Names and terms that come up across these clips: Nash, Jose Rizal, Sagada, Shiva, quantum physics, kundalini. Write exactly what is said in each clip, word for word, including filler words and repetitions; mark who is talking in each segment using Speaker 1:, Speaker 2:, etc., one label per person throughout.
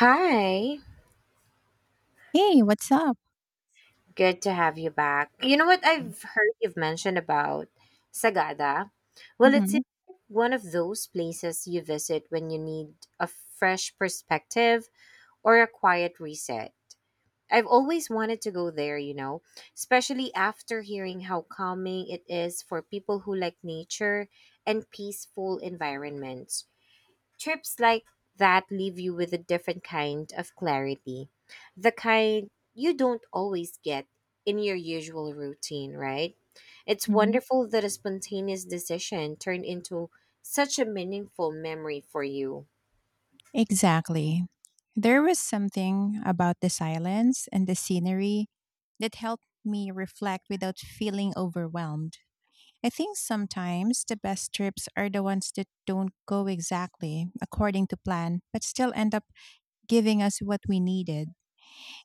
Speaker 1: Hi,
Speaker 2: Hey, what's up?
Speaker 1: good to have you back. You know what I've heard you've mentioned about Sagada? Well, it's
Speaker 2: Mhm,
Speaker 1: one of those places you visit when you need a fresh perspective or a quiet reset. I've always wanted to go there, you know, especially after hearing how calming it is for people who like nature and peaceful environments. Trips like that leave you with a different kind of clarity, the kind you don't always get in your usual routine, right? It's
Speaker 2: mhm.
Speaker 1: wonderful that a spontaneous decision turned into such a meaningful memory for you.
Speaker 2: Exactly. There was something about the silence and the scenery that helped me reflect without feeling overwhelmed. I think sometimes the best trips are the ones that don't go exactly according to plan, but still end up giving us what we needed.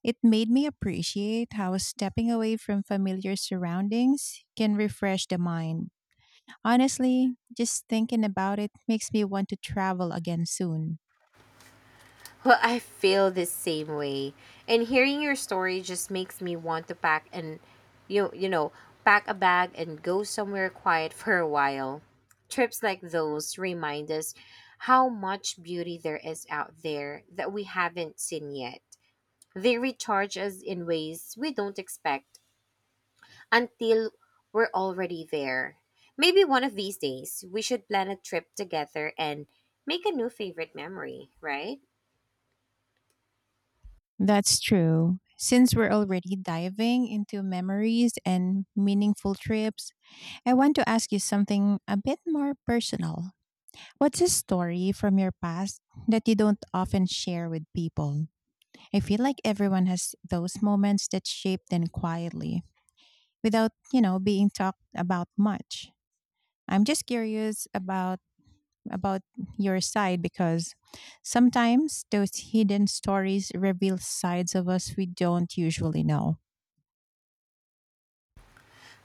Speaker 2: It made me appreciate how stepping away from familiar surroundings can refresh the mind. Honestly, just thinking about it makes me want to travel again soon.
Speaker 1: Well, I feel the same way. And hearing your story just makes me want to pack and you you know, pack a bag and go somewhere quiet for a while. Trips like those remind us how much beauty there is out there that we haven't seen yet. They recharge us in ways we don't expect until we're already there. Maybe one of these days we should plan a trip together and make a new favorite memory, right?
Speaker 2: That's true. Since we're already diving into memories and meaningful trips, I want to ask you something a bit more personal. What's a story from your past that you don't often share with people? I feel like everyone has those moments that shape them quietly without, you know, being talked about much. I'm just curious about about your side because sometimes those hidden stories reveal sides of us we don't usually know.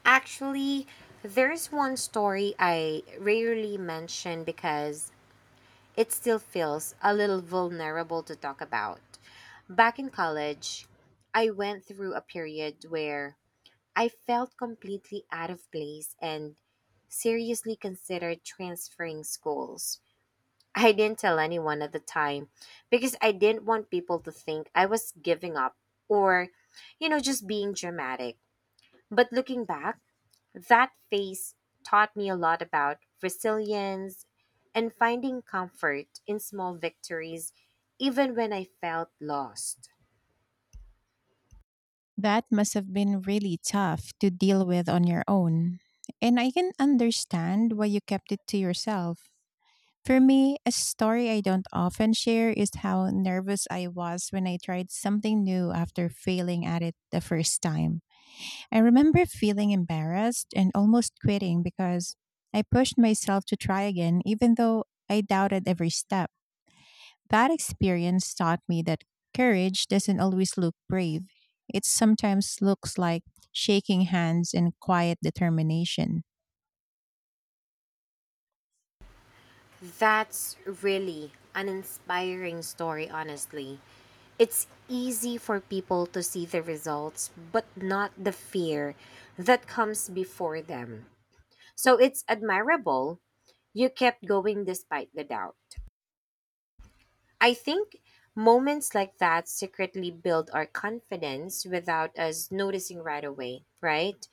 Speaker 1: Actually, there's one story I rarely mention because it still feels a little vulnerable to talk about. Back in college, I went through a period where I felt completely out of place and seriously considered transferring schools. I didn't tell anyone at the time because I didn't want people to think I was giving up or, you know, just being dramatic. But looking back, that phase taught me a lot about resilience and finding comfort in small victories, even when I felt lost.
Speaker 2: That must have been really tough to deal with on your own. And I can understand why you kept it to yourself. For me, a story I don't often share is how nervous I was when I tried something new after failing at it the first time. I remember feeling embarrassed and almost quitting because I pushed myself to try again, even though I doubted every step. That experience taught me that courage doesn't always look brave. It sometimes looks like shaking hands and quiet determination.
Speaker 1: That's really an inspiring story, honestly. It's easy for people to see the results, but not the fear that comes before them. So it's admirable you kept going despite the doubt. I think moments like that secretly build our confidence without us noticing right away, right?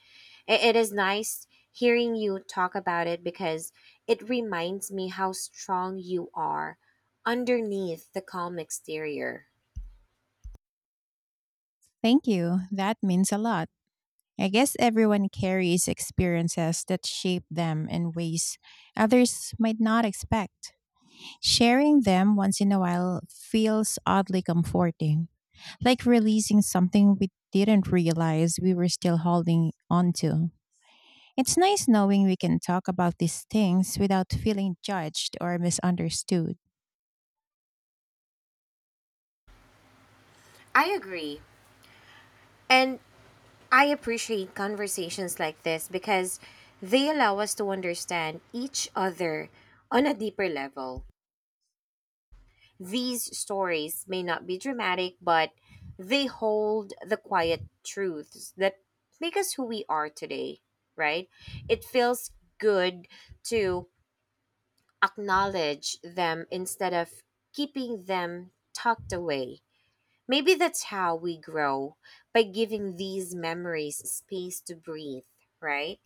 Speaker 1: I- It is nice hearing you talk about it because it reminds me how strong you are underneath the calm exterior.
Speaker 2: Thank you. That means a lot. I guess everyone carries experiences that shape them in ways others might not expect. Sharing them once in a while feels oddly comforting, like releasing something we didn't realize we were still holding on to. It's nice knowing we can talk about these things without feeling judged or misunderstood.
Speaker 1: I agree. And I appreciate conversations like this because they allow us to understand each other on a deeper level. These stories may not be dramatic, but they hold the quiet truths that make us who we are today, right? It feels good to acknowledge them instead of keeping them tucked away. Maybe that's how we grow by giving these memories space to breathe, right?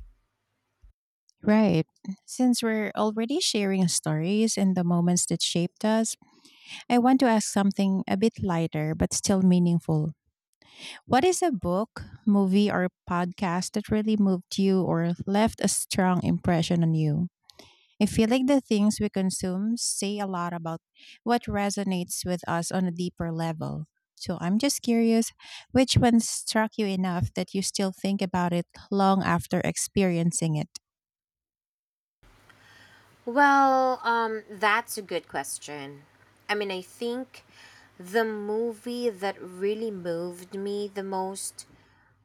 Speaker 2: Right. Since we're already sharing stories and the moments that shaped us, I want to ask something a bit lighter but still meaningful. What is a book, movie, or podcast that really moved you or left a strong impression on you? I feel like the things we consume say a lot about what resonates with us on a deeper level. So I'm just curious which one struck you enough that you still think about it long after experiencing it?
Speaker 1: Well, um, that's a good question. I mean, I think the movie that really moved me the most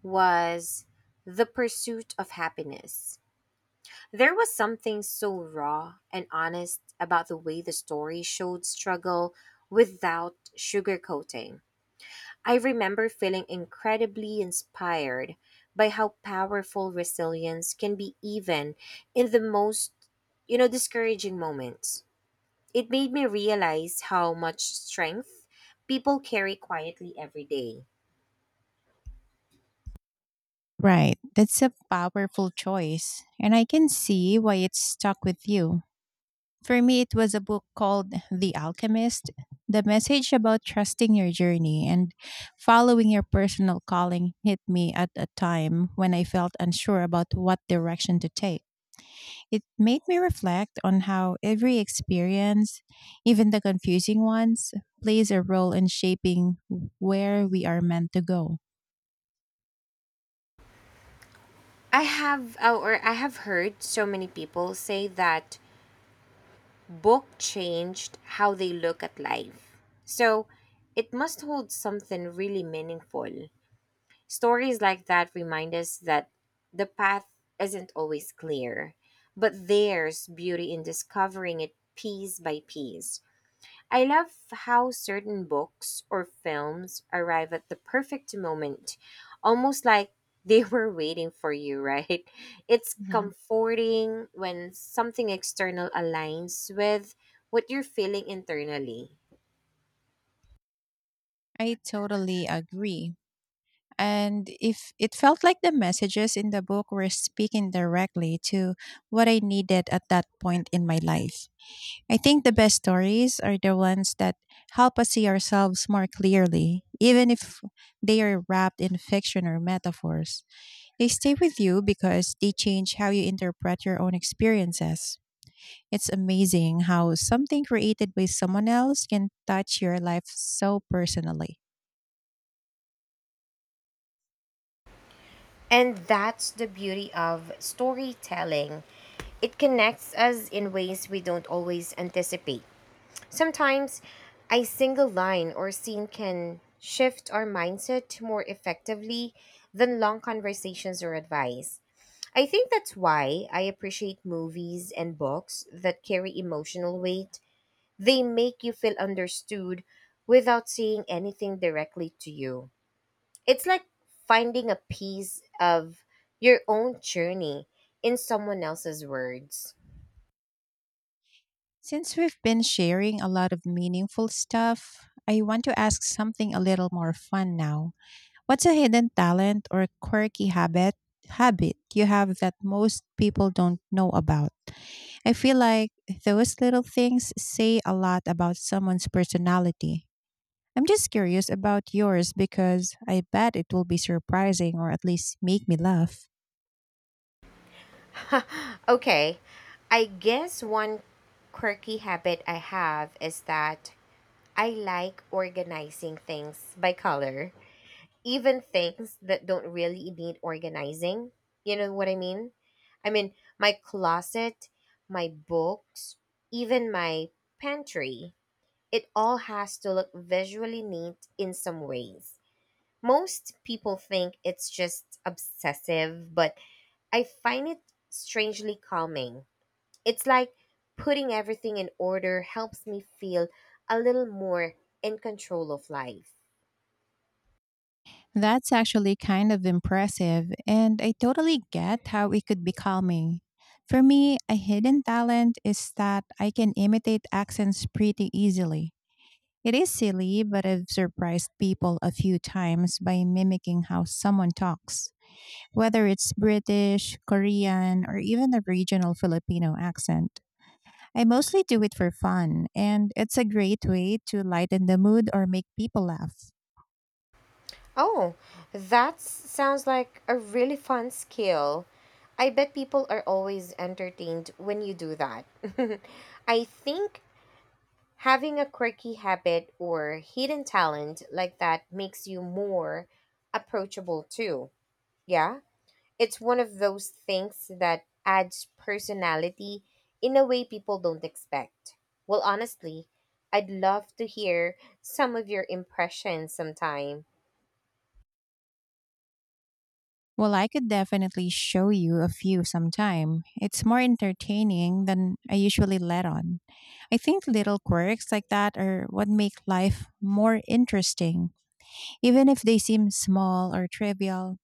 Speaker 1: was The Pursuit of Happiness. There was something so raw and honest about the way the story showed struggle without sugarcoating. I remember feeling incredibly inspired by how powerful resilience can be even in the most, you know, discouraging moments. It made me realize how much strength people carry quietly every day.
Speaker 2: Right, that's a powerful choice, and I can see why it's stuck with you. For me, it was a book called The Alchemist. The message about trusting your journey and following your personal calling hit me at a time when I felt unsure about what direction to take. It made me reflect on how every experience, even the confusing ones, plays a role in shaping where we are meant to go.
Speaker 1: I have uh, or I have heard so many people say that book changed how they look at life. So, it must hold something really meaningful. Stories like that remind us that the path isn't always clear, but there's beauty in discovering it piece by piece. I love how certain books or films arrive at the perfect moment, almost like they were waiting for you, right? It's comforting when something external aligns with what you're feeling internally.
Speaker 2: I totally agree. And if it felt like the messages in the book were speaking directly to what I needed at that point in my life. I think the best stories are the ones that help us see ourselves more clearly, even if they are wrapped in fiction or metaphors. They stay with you because they change how you interpret your own experiences. It's amazing how something created by someone else can touch your life so personally.
Speaker 1: And that's the beauty of storytelling. It connects us in ways we don't always anticipate. Sometimes a single line or scene can shift our mindset more effectively than long conversations or advice. I think that's why I appreciate movies and books that carry emotional weight. They make you feel understood without saying anything directly to you. It's like finding a piece of your own journey in someone else's words.
Speaker 2: Since we've been sharing a lot of meaningful stuff, I want to ask something a little more fun now. What's a hidden talent or quirky habit habit you have that most people don't know about? I feel like those little things say a lot about someone's personality. I'm just curious about yours because I bet it will be surprising or at least make me laugh.
Speaker 1: Okay, I guess one quirky habit I have is that I like organizing things by color, even things that don't really need organizing. You know what I mean? I mean, my closet, my books, even my pantry, it all has to look visually neat in some ways. Most people think it's just obsessive, but I find it strangely calming. It's like putting everything in order helps me feel a little more in control of life.
Speaker 2: That's actually kind of impressive, and I totally get how it could be calming. For me, a hidden talent is that I can imitate accents pretty easily. It is silly, but I've surprised people a few times by mimicking how someone talks, whether it's British, Korean, or even a regional Filipino accent. I mostly do it for fun, and it's a great way to lighten the mood or make people laugh.
Speaker 1: Oh, that sounds like a really fun skill. I bet people are always entertained when you do that. I think having a quirky habit or hidden talent like that makes you more approachable too. Yeah? It's one of those things that adds personality in a way people don't expect. Well, honestly, I'd love to hear some of your impressions sometime.
Speaker 2: Well, I could definitely show you a few sometime. It's more entertaining than I usually let on. I think little quirks like that are what make life more interesting. Even if they seem small or trivial,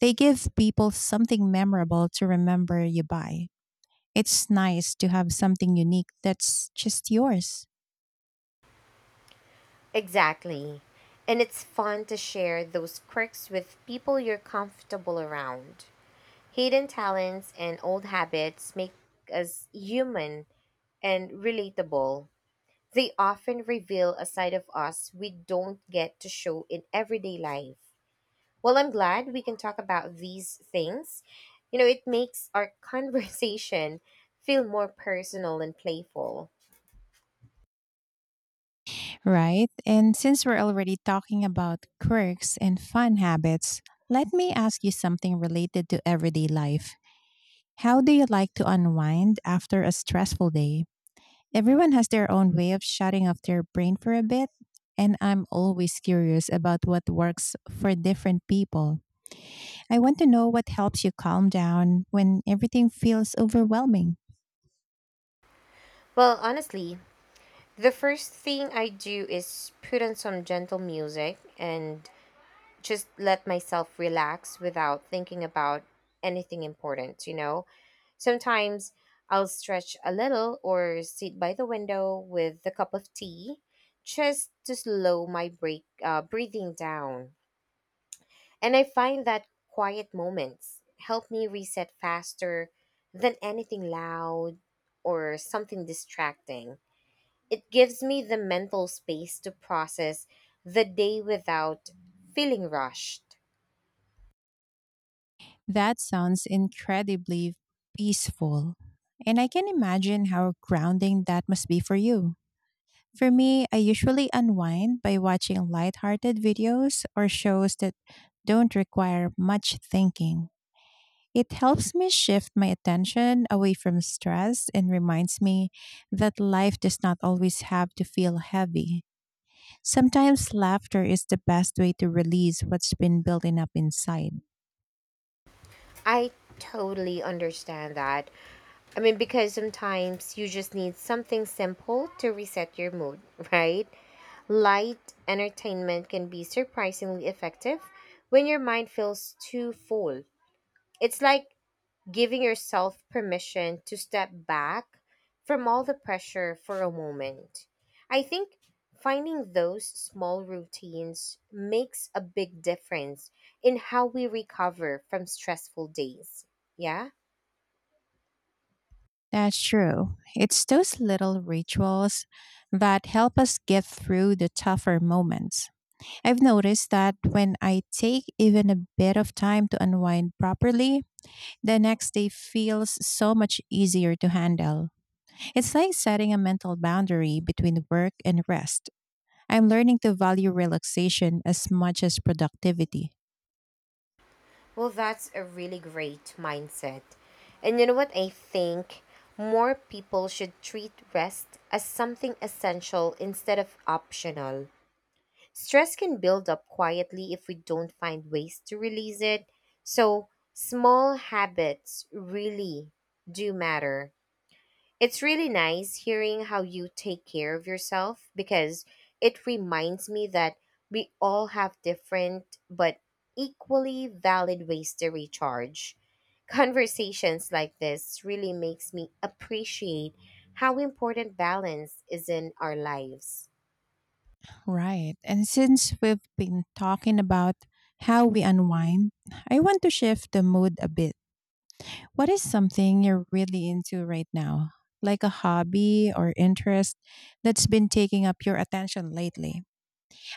Speaker 2: they give people something memorable to remember you by. It's nice to have something unique that's just yours.
Speaker 1: Exactly. And it's fun to share those quirks with people you're comfortable around. Hidden talents and old habits make us human and relatable. They often reveal a side of us we don't get to show in everyday life. Well, I'm glad we can talk about these things. You know, it makes our conversation feel more personal and playful.
Speaker 2: Right. And since we're already talking about quirks and fun habits, let me ask you something related to everyday life. How do you like to unwind after a stressful day? Everyone has their own way of shutting off their brain for a bit, and I'm always curious about what works for different people. I want to know what helps you calm down when everything feels overwhelming.
Speaker 1: Well, honestly, the first thing I do is put on some gentle music and just let myself relax without thinking about anything important, you know? Sometimes I'll stretch a little or sit by the window with a cup of tea just to slow my break, uh, breathing down. And I find that quiet moments help me reset faster than anything loud or something distracting. It gives me the mental space to process the day without feeling rushed.
Speaker 2: That sounds incredibly peaceful. And I can imagine how grounding that must be for you. For me, I usually unwind by watching lighthearted videos or shows that don't require much thinking. It helps me shift my attention away from stress and reminds me that life does not always have to feel heavy. Sometimes laughter is the best way to release what's been building up inside.
Speaker 1: I totally understand that. I mean, because sometimes you just need something simple to reset your mood, right? Light entertainment can be surprisingly effective when your mind feels too full. It's like giving yourself permission to step back from all the pressure for a moment. I think finding those small routines makes a big difference in how we recover from stressful days. Yeah?
Speaker 2: That's true. It's those little rituals that help us get through the tougher moments. I've noticed that when I take even a bit of time to unwind properly, the next day feels so much easier to handle. It's like setting a mental boundary between work and rest. I'm learning to value relaxation as much as productivity.
Speaker 1: Well, that's a really great mindset. And you know what? I think more people should treat rest as something essential instead of optional. Stress can build up quietly if we don't find ways to release it. So, small habits really do matter. It's really nice hearing how you take care of yourself because it reminds me that we all have different but equally valid ways to recharge. Conversations like this really makes me appreciate how important balance is in our lives.
Speaker 2: Right. And since we've been talking about how we unwind, I want to shift the mood a bit. What is something you're really into right now, like a hobby or interest that's been taking up your attention lately?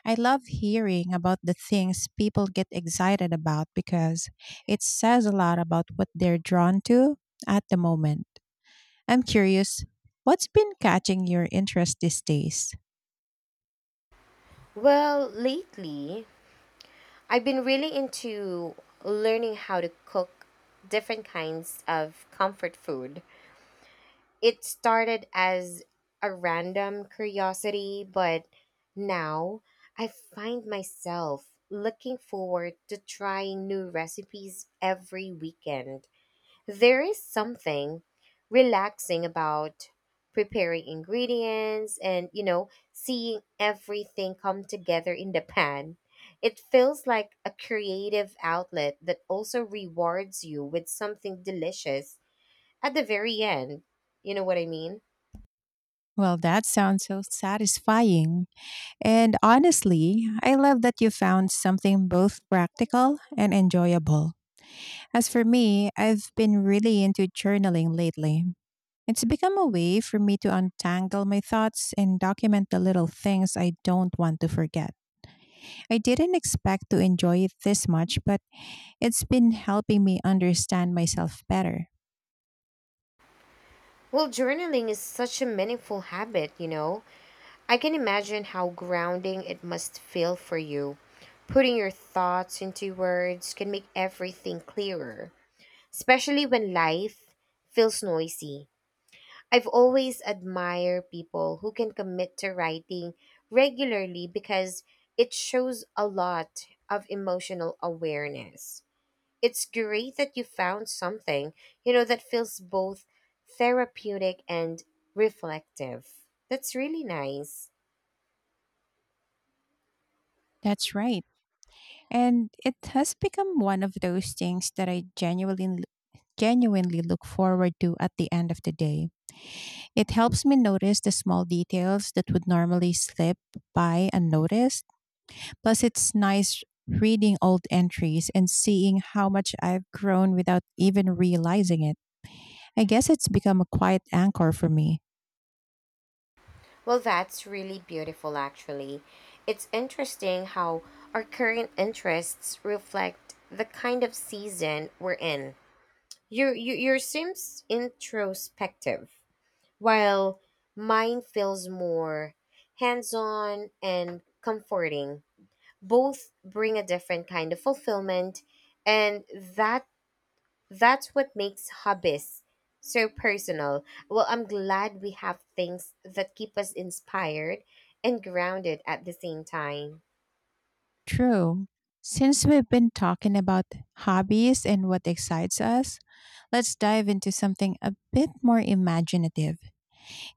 Speaker 2: I love hearing about the things people get excited about because it says a lot about what they're drawn to at the moment. I'm curious, what's been catching your interest these days?
Speaker 1: Well, lately, I've been really into learning how to cook different kinds of comfort food. It started as a random curiosity, but now I find myself looking forward to trying new recipes every weekend. There is something relaxing about preparing ingredients and, you know, seeing everything come together in the pan. It feels like a creative outlet that also rewards you with something delicious at the very end. You know what I mean?
Speaker 2: Well, that sounds so satisfying. And honestly, I love that you found something both practical and enjoyable. As for me, I've been really into journaling lately. It's become a way for me to untangle my thoughts and document the little things I don't want to forget. I didn't expect to enjoy it this much, but it's been helping me understand myself better.
Speaker 1: Well, journaling is such a meaningful habit, you know. I can imagine how grounding it must feel for you. Putting your thoughts into words can make everything clearer, especially when life feels noisy. I've always admired people who can commit to writing regularly because it shows a lot of emotional awareness. It's great that you found something, you know, that feels both therapeutic and reflective. That's really nice.
Speaker 2: That's right. And it has become one of those things that I genuinely genuinely look forward to at the end of the day. It helps me notice the small details that would normally slip by unnoticed. Plus, it's nice reading old entries and seeing how much I've grown without even realizing it. I guess it's become a quiet anchor for me.
Speaker 1: Well, that's really beautiful, actually. It's interesting how our current interests reflect the kind of season we're in. Your, your, your seems introspective, while mine feels more hands on and comforting. Both bring a different kind of fulfillment, and that that's what makes hobbies so personal. Well, I'm glad we have things that keep us inspired and grounded at the same time.
Speaker 2: True. Since we've been talking about hobbies and what excites us, let's dive into something a bit more imaginative.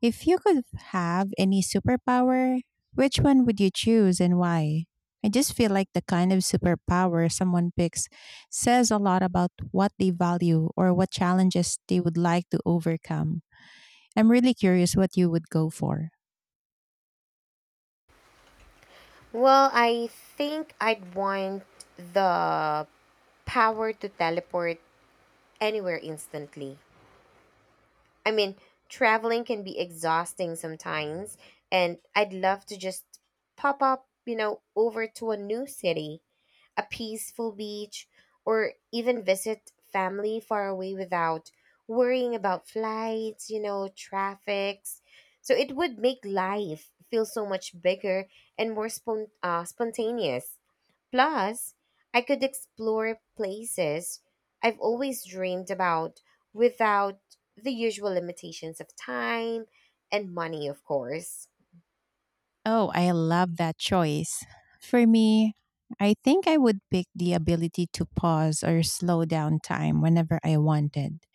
Speaker 2: If you could have any superpower, which one would you choose and why? I just feel like the kind of superpower someone picks says a lot about what they value or what challenges they would like to overcome. I'm really curious what you would go for.
Speaker 1: Well, I think I'd want the power to teleport anywhere instantly. I mean, traveling can be exhausting sometimes, and I'd love to just pop up, you know, over to a new city, a peaceful beach, or even visit family far away without worrying about flights, you know, traffics. So it would make life feel so much bigger and more spon- uh, spontaneous. Plus, I could explore places I've always dreamed about without the usual limitations of time and money, of course.
Speaker 2: Oh, I love that choice. For me, I think I would pick the ability to pause or slow down time whenever I wanted.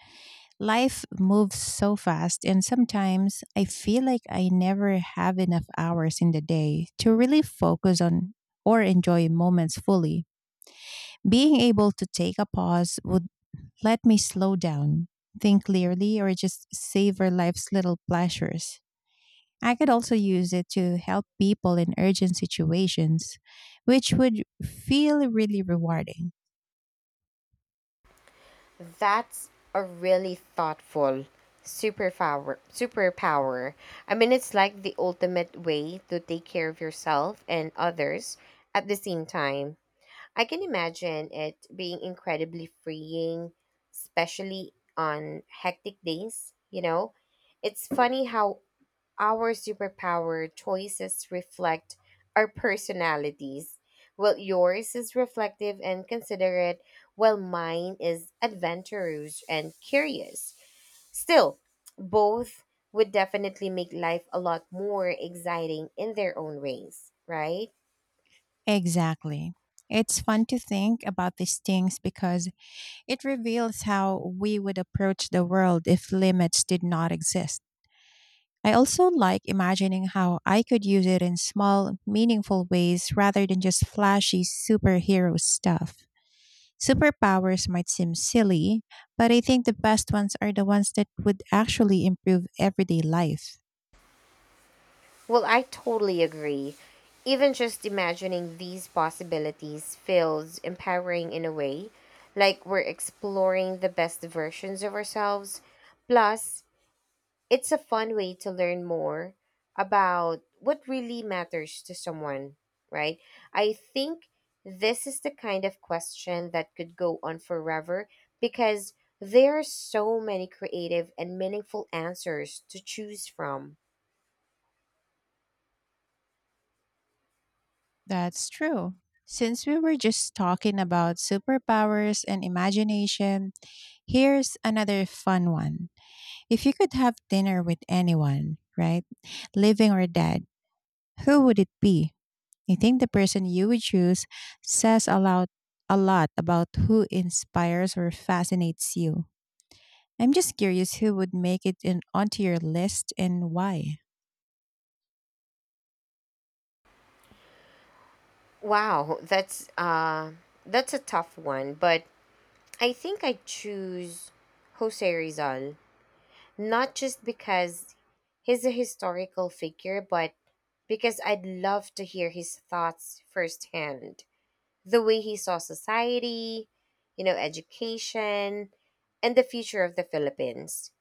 Speaker 2: Life moves so fast, and sometimes I feel like I never have enough hours in the day to really focus on or enjoy moments fully. Being able to take a pause would let me slow down, think clearly, or just savor life's little pleasures. I could also use it to help people in urgent situations, which would feel really rewarding.
Speaker 1: That's a really thoughtful superpower superpower. I mean it's like the ultimate way to take care of yourself and others at the same time. I can imagine it being incredibly freeing, especially on hectic days, you know? It's funny how our superpower choices reflect our personalities. Well, yours is reflective and considerate, while mine is adventurous and curious. Still, both would definitely make life a lot more exciting in their own ways, right?
Speaker 2: Exactly. It's fun to think about these things because it reveals how we would approach the world if limits did not exist. I also like imagining how I could use it in small, meaningful ways rather than just flashy superhero stuff. Superpowers might seem silly, but I think the best ones are the ones that would actually improve everyday life.
Speaker 1: Well, I totally agree. Even just imagining these possibilities feels empowering in a way, like we're exploring the best versions of ourselves. Plus, it's a fun way to learn more about what really matters to someone, right? I think this is the kind of question that could go on forever because there are so many creative and meaningful answers to choose from.
Speaker 2: That's true. Since we were just talking about superpowers and imagination, here's another fun one. If you could have dinner with anyone, right, living or dead, who would it be? I think the person you would choose says a lot, a lot about who inspires or fascinates you. I'm just curious who would make it in, onto your list and why.
Speaker 1: Wow, that's uh that's a tough one, but I think I choose Jose Rizal not just because he's a historical figure, but because I'd love to hear his thoughts firsthand. The way he saw society, you know, education, and the future of the Philippines.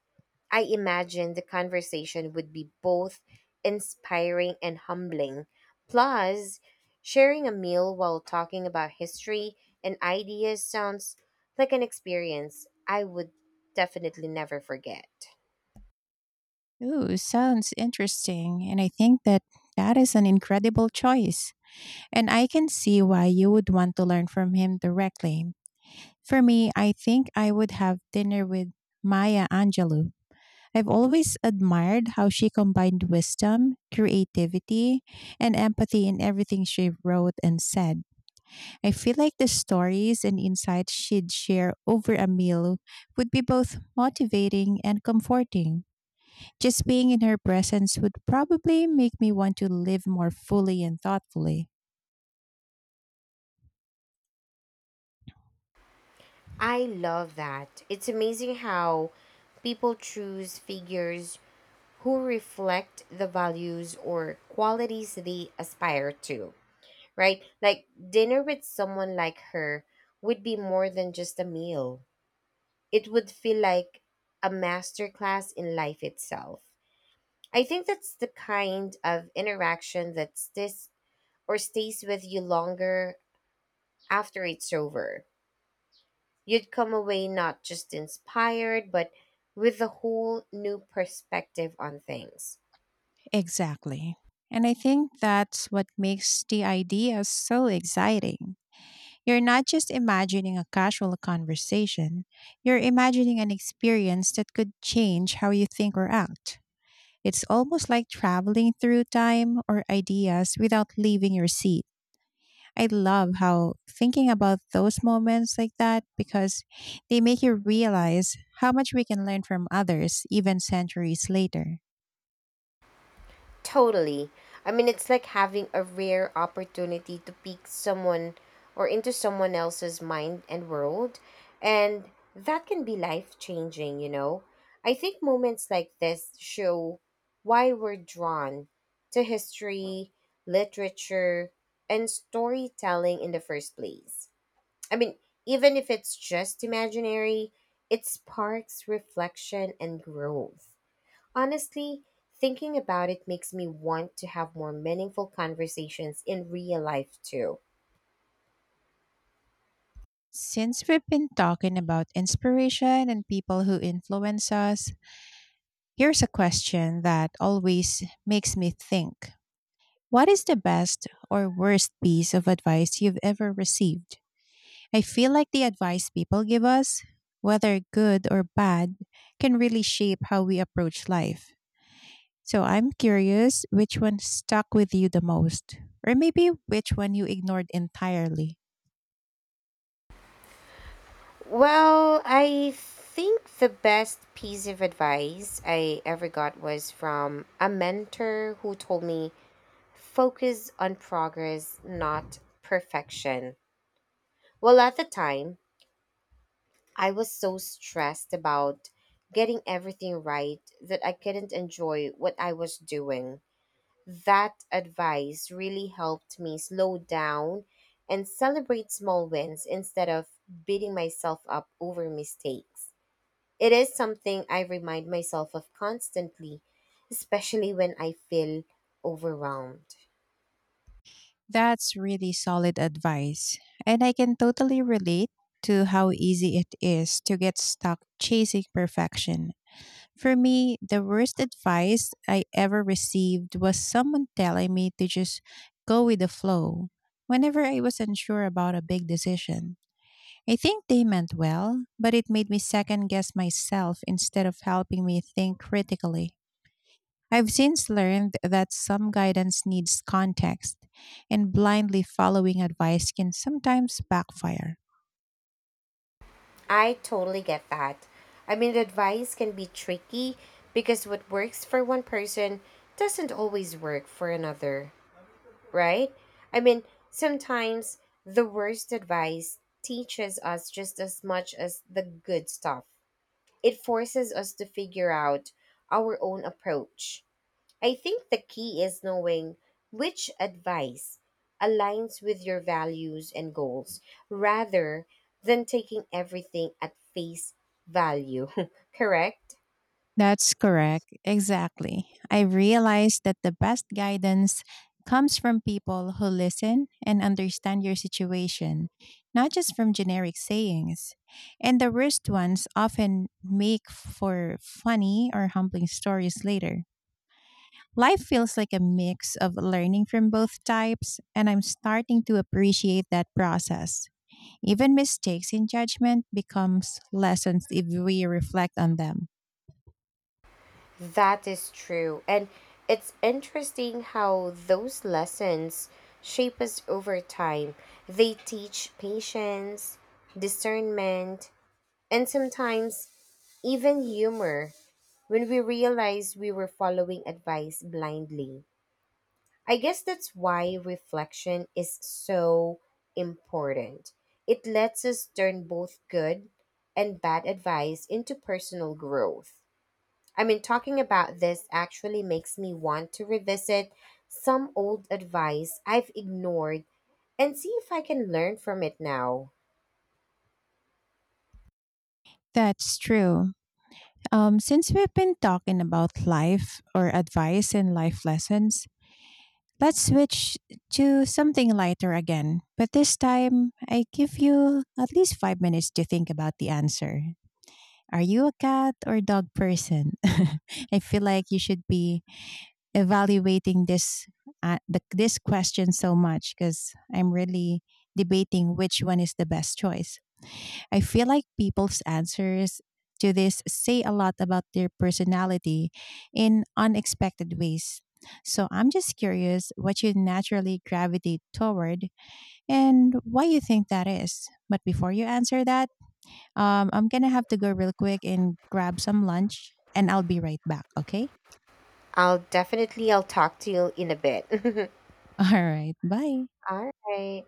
Speaker 1: I imagine the conversation would be both inspiring and humbling. Plus, sharing a meal while talking about history and ideas sounds like an experience I would definitely never forget.
Speaker 2: Ooh, sounds interesting. And I think that that is an incredible choice. And I can see why you would want to learn from him directly. For me, I think I would have dinner with Maya Angelou. I've always admired how she combined wisdom, creativity, and empathy in everything she wrote and said. I feel like the stories and insights she'd share over a meal would be both motivating and comforting. Just being in her presence would probably make me want to live more fully and thoughtfully.
Speaker 1: I love that. It's amazing how people choose figures who reflect the values or qualities they aspire to, right? Like dinner with someone like her would be more than just a meal. It would feel like a masterclass in life itself. I think that's the kind of interaction that stis or stays with you longer after it's over. You'd come away not just inspired, but with a whole new perspective on things.
Speaker 2: Exactly. And I think that's what makes the idea so exciting. You're not just imagining a casual conversation, you're imagining an experience that could change how you think or act. It's almost like traveling through time or ideas without leaving your seat. I love how thinking about those moments like that because they make you realize how much we can learn from others even centuries later.
Speaker 1: Totally. I mean, it's like having a rare opportunity to peek someone or into someone else's mind and world. And that can be life changing, you know? I think moments like this show why we're drawn to history, literature, and storytelling in the first place. I mean, even if it's just imaginary, it sparks reflection and growth. Honestly, thinking about it makes me want to have more meaningful conversations in real life too.
Speaker 2: Since we've been talking about inspiration and people who influence us, here's a question that always makes me think. What is the best or worst piece of advice you've ever received? I feel like the advice people give us, whether good or bad, can really shape how we approach life. So I'm curious which one stuck with you the most, or maybe which one you ignored entirely.
Speaker 1: Well, I think the best piece of advice I ever got was from a mentor who told me focus on progress, not perfection. Well, at the time, I was so stressed about getting everything right that I couldn't enjoy what I was doing. That advice really helped me slow down and celebrate small wins instead of beating myself up over mistakes. It is something I remind myself of constantly, especially when I feel overwhelmed.
Speaker 2: That's really solid advice. And I can totally relate to how easy it is to get stuck chasing perfection. For me, the worst advice I ever received was someone telling me to just go with the flow whenever I was unsure about a big decision. I think they meant well, but it made me second guess myself instead of helping me think critically. I've since learned that some guidance needs context, and blindly following advice can sometimes backfire.
Speaker 1: I totally get that. I mean, the advice can be tricky because what works for one person doesn't always work for another, right? I mean, sometimes the worst advice teaches us just as much as the good stuff. It forces us to figure out our own approach. I think the key is knowing which advice aligns with your values and goals rather than taking everything at face value, correct?
Speaker 2: That's correct. Exactly. I realized that the best guidance comes from people who listen and understand your situation, not just from generic sayings. And the worst ones often make for funny or humbling stories later. Life feels like a mix of learning from both types, and I'm starting to appreciate that process. Even mistakes in judgment becomes lessons if we reflect on them.
Speaker 1: That is true. And it's interesting how those lessons shape us over time. They teach patience, discernment, and sometimes even humor when we realize we were following advice blindly. I guess that's why reflection is so important. It lets us turn both good and bad advice into personal growth. I mean, talking about this actually makes me want to revisit some old advice I've ignored and see if I can learn from it now.
Speaker 2: That's true. Um, since we've been talking about life or advice and life lessons, let's switch to something lighter again, but this time I give you at least five minutes to think about the answer. Are you a cat or dog person? I feel like you should be evaluating this uh, the, this question so much because I'm really debating which one is the best choice. I feel like people's answers to this say a lot about their personality in unexpected ways. So I'm just curious what you naturally gravitate toward and why you think that is. But before you answer that, um, I'm going to have to go real quick and grab some lunch and I'll be right back, okay?
Speaker 1: I'll definitely I'll talk to you in a bit.
Speaker 2: All right, bye.
Speaker 1: All right.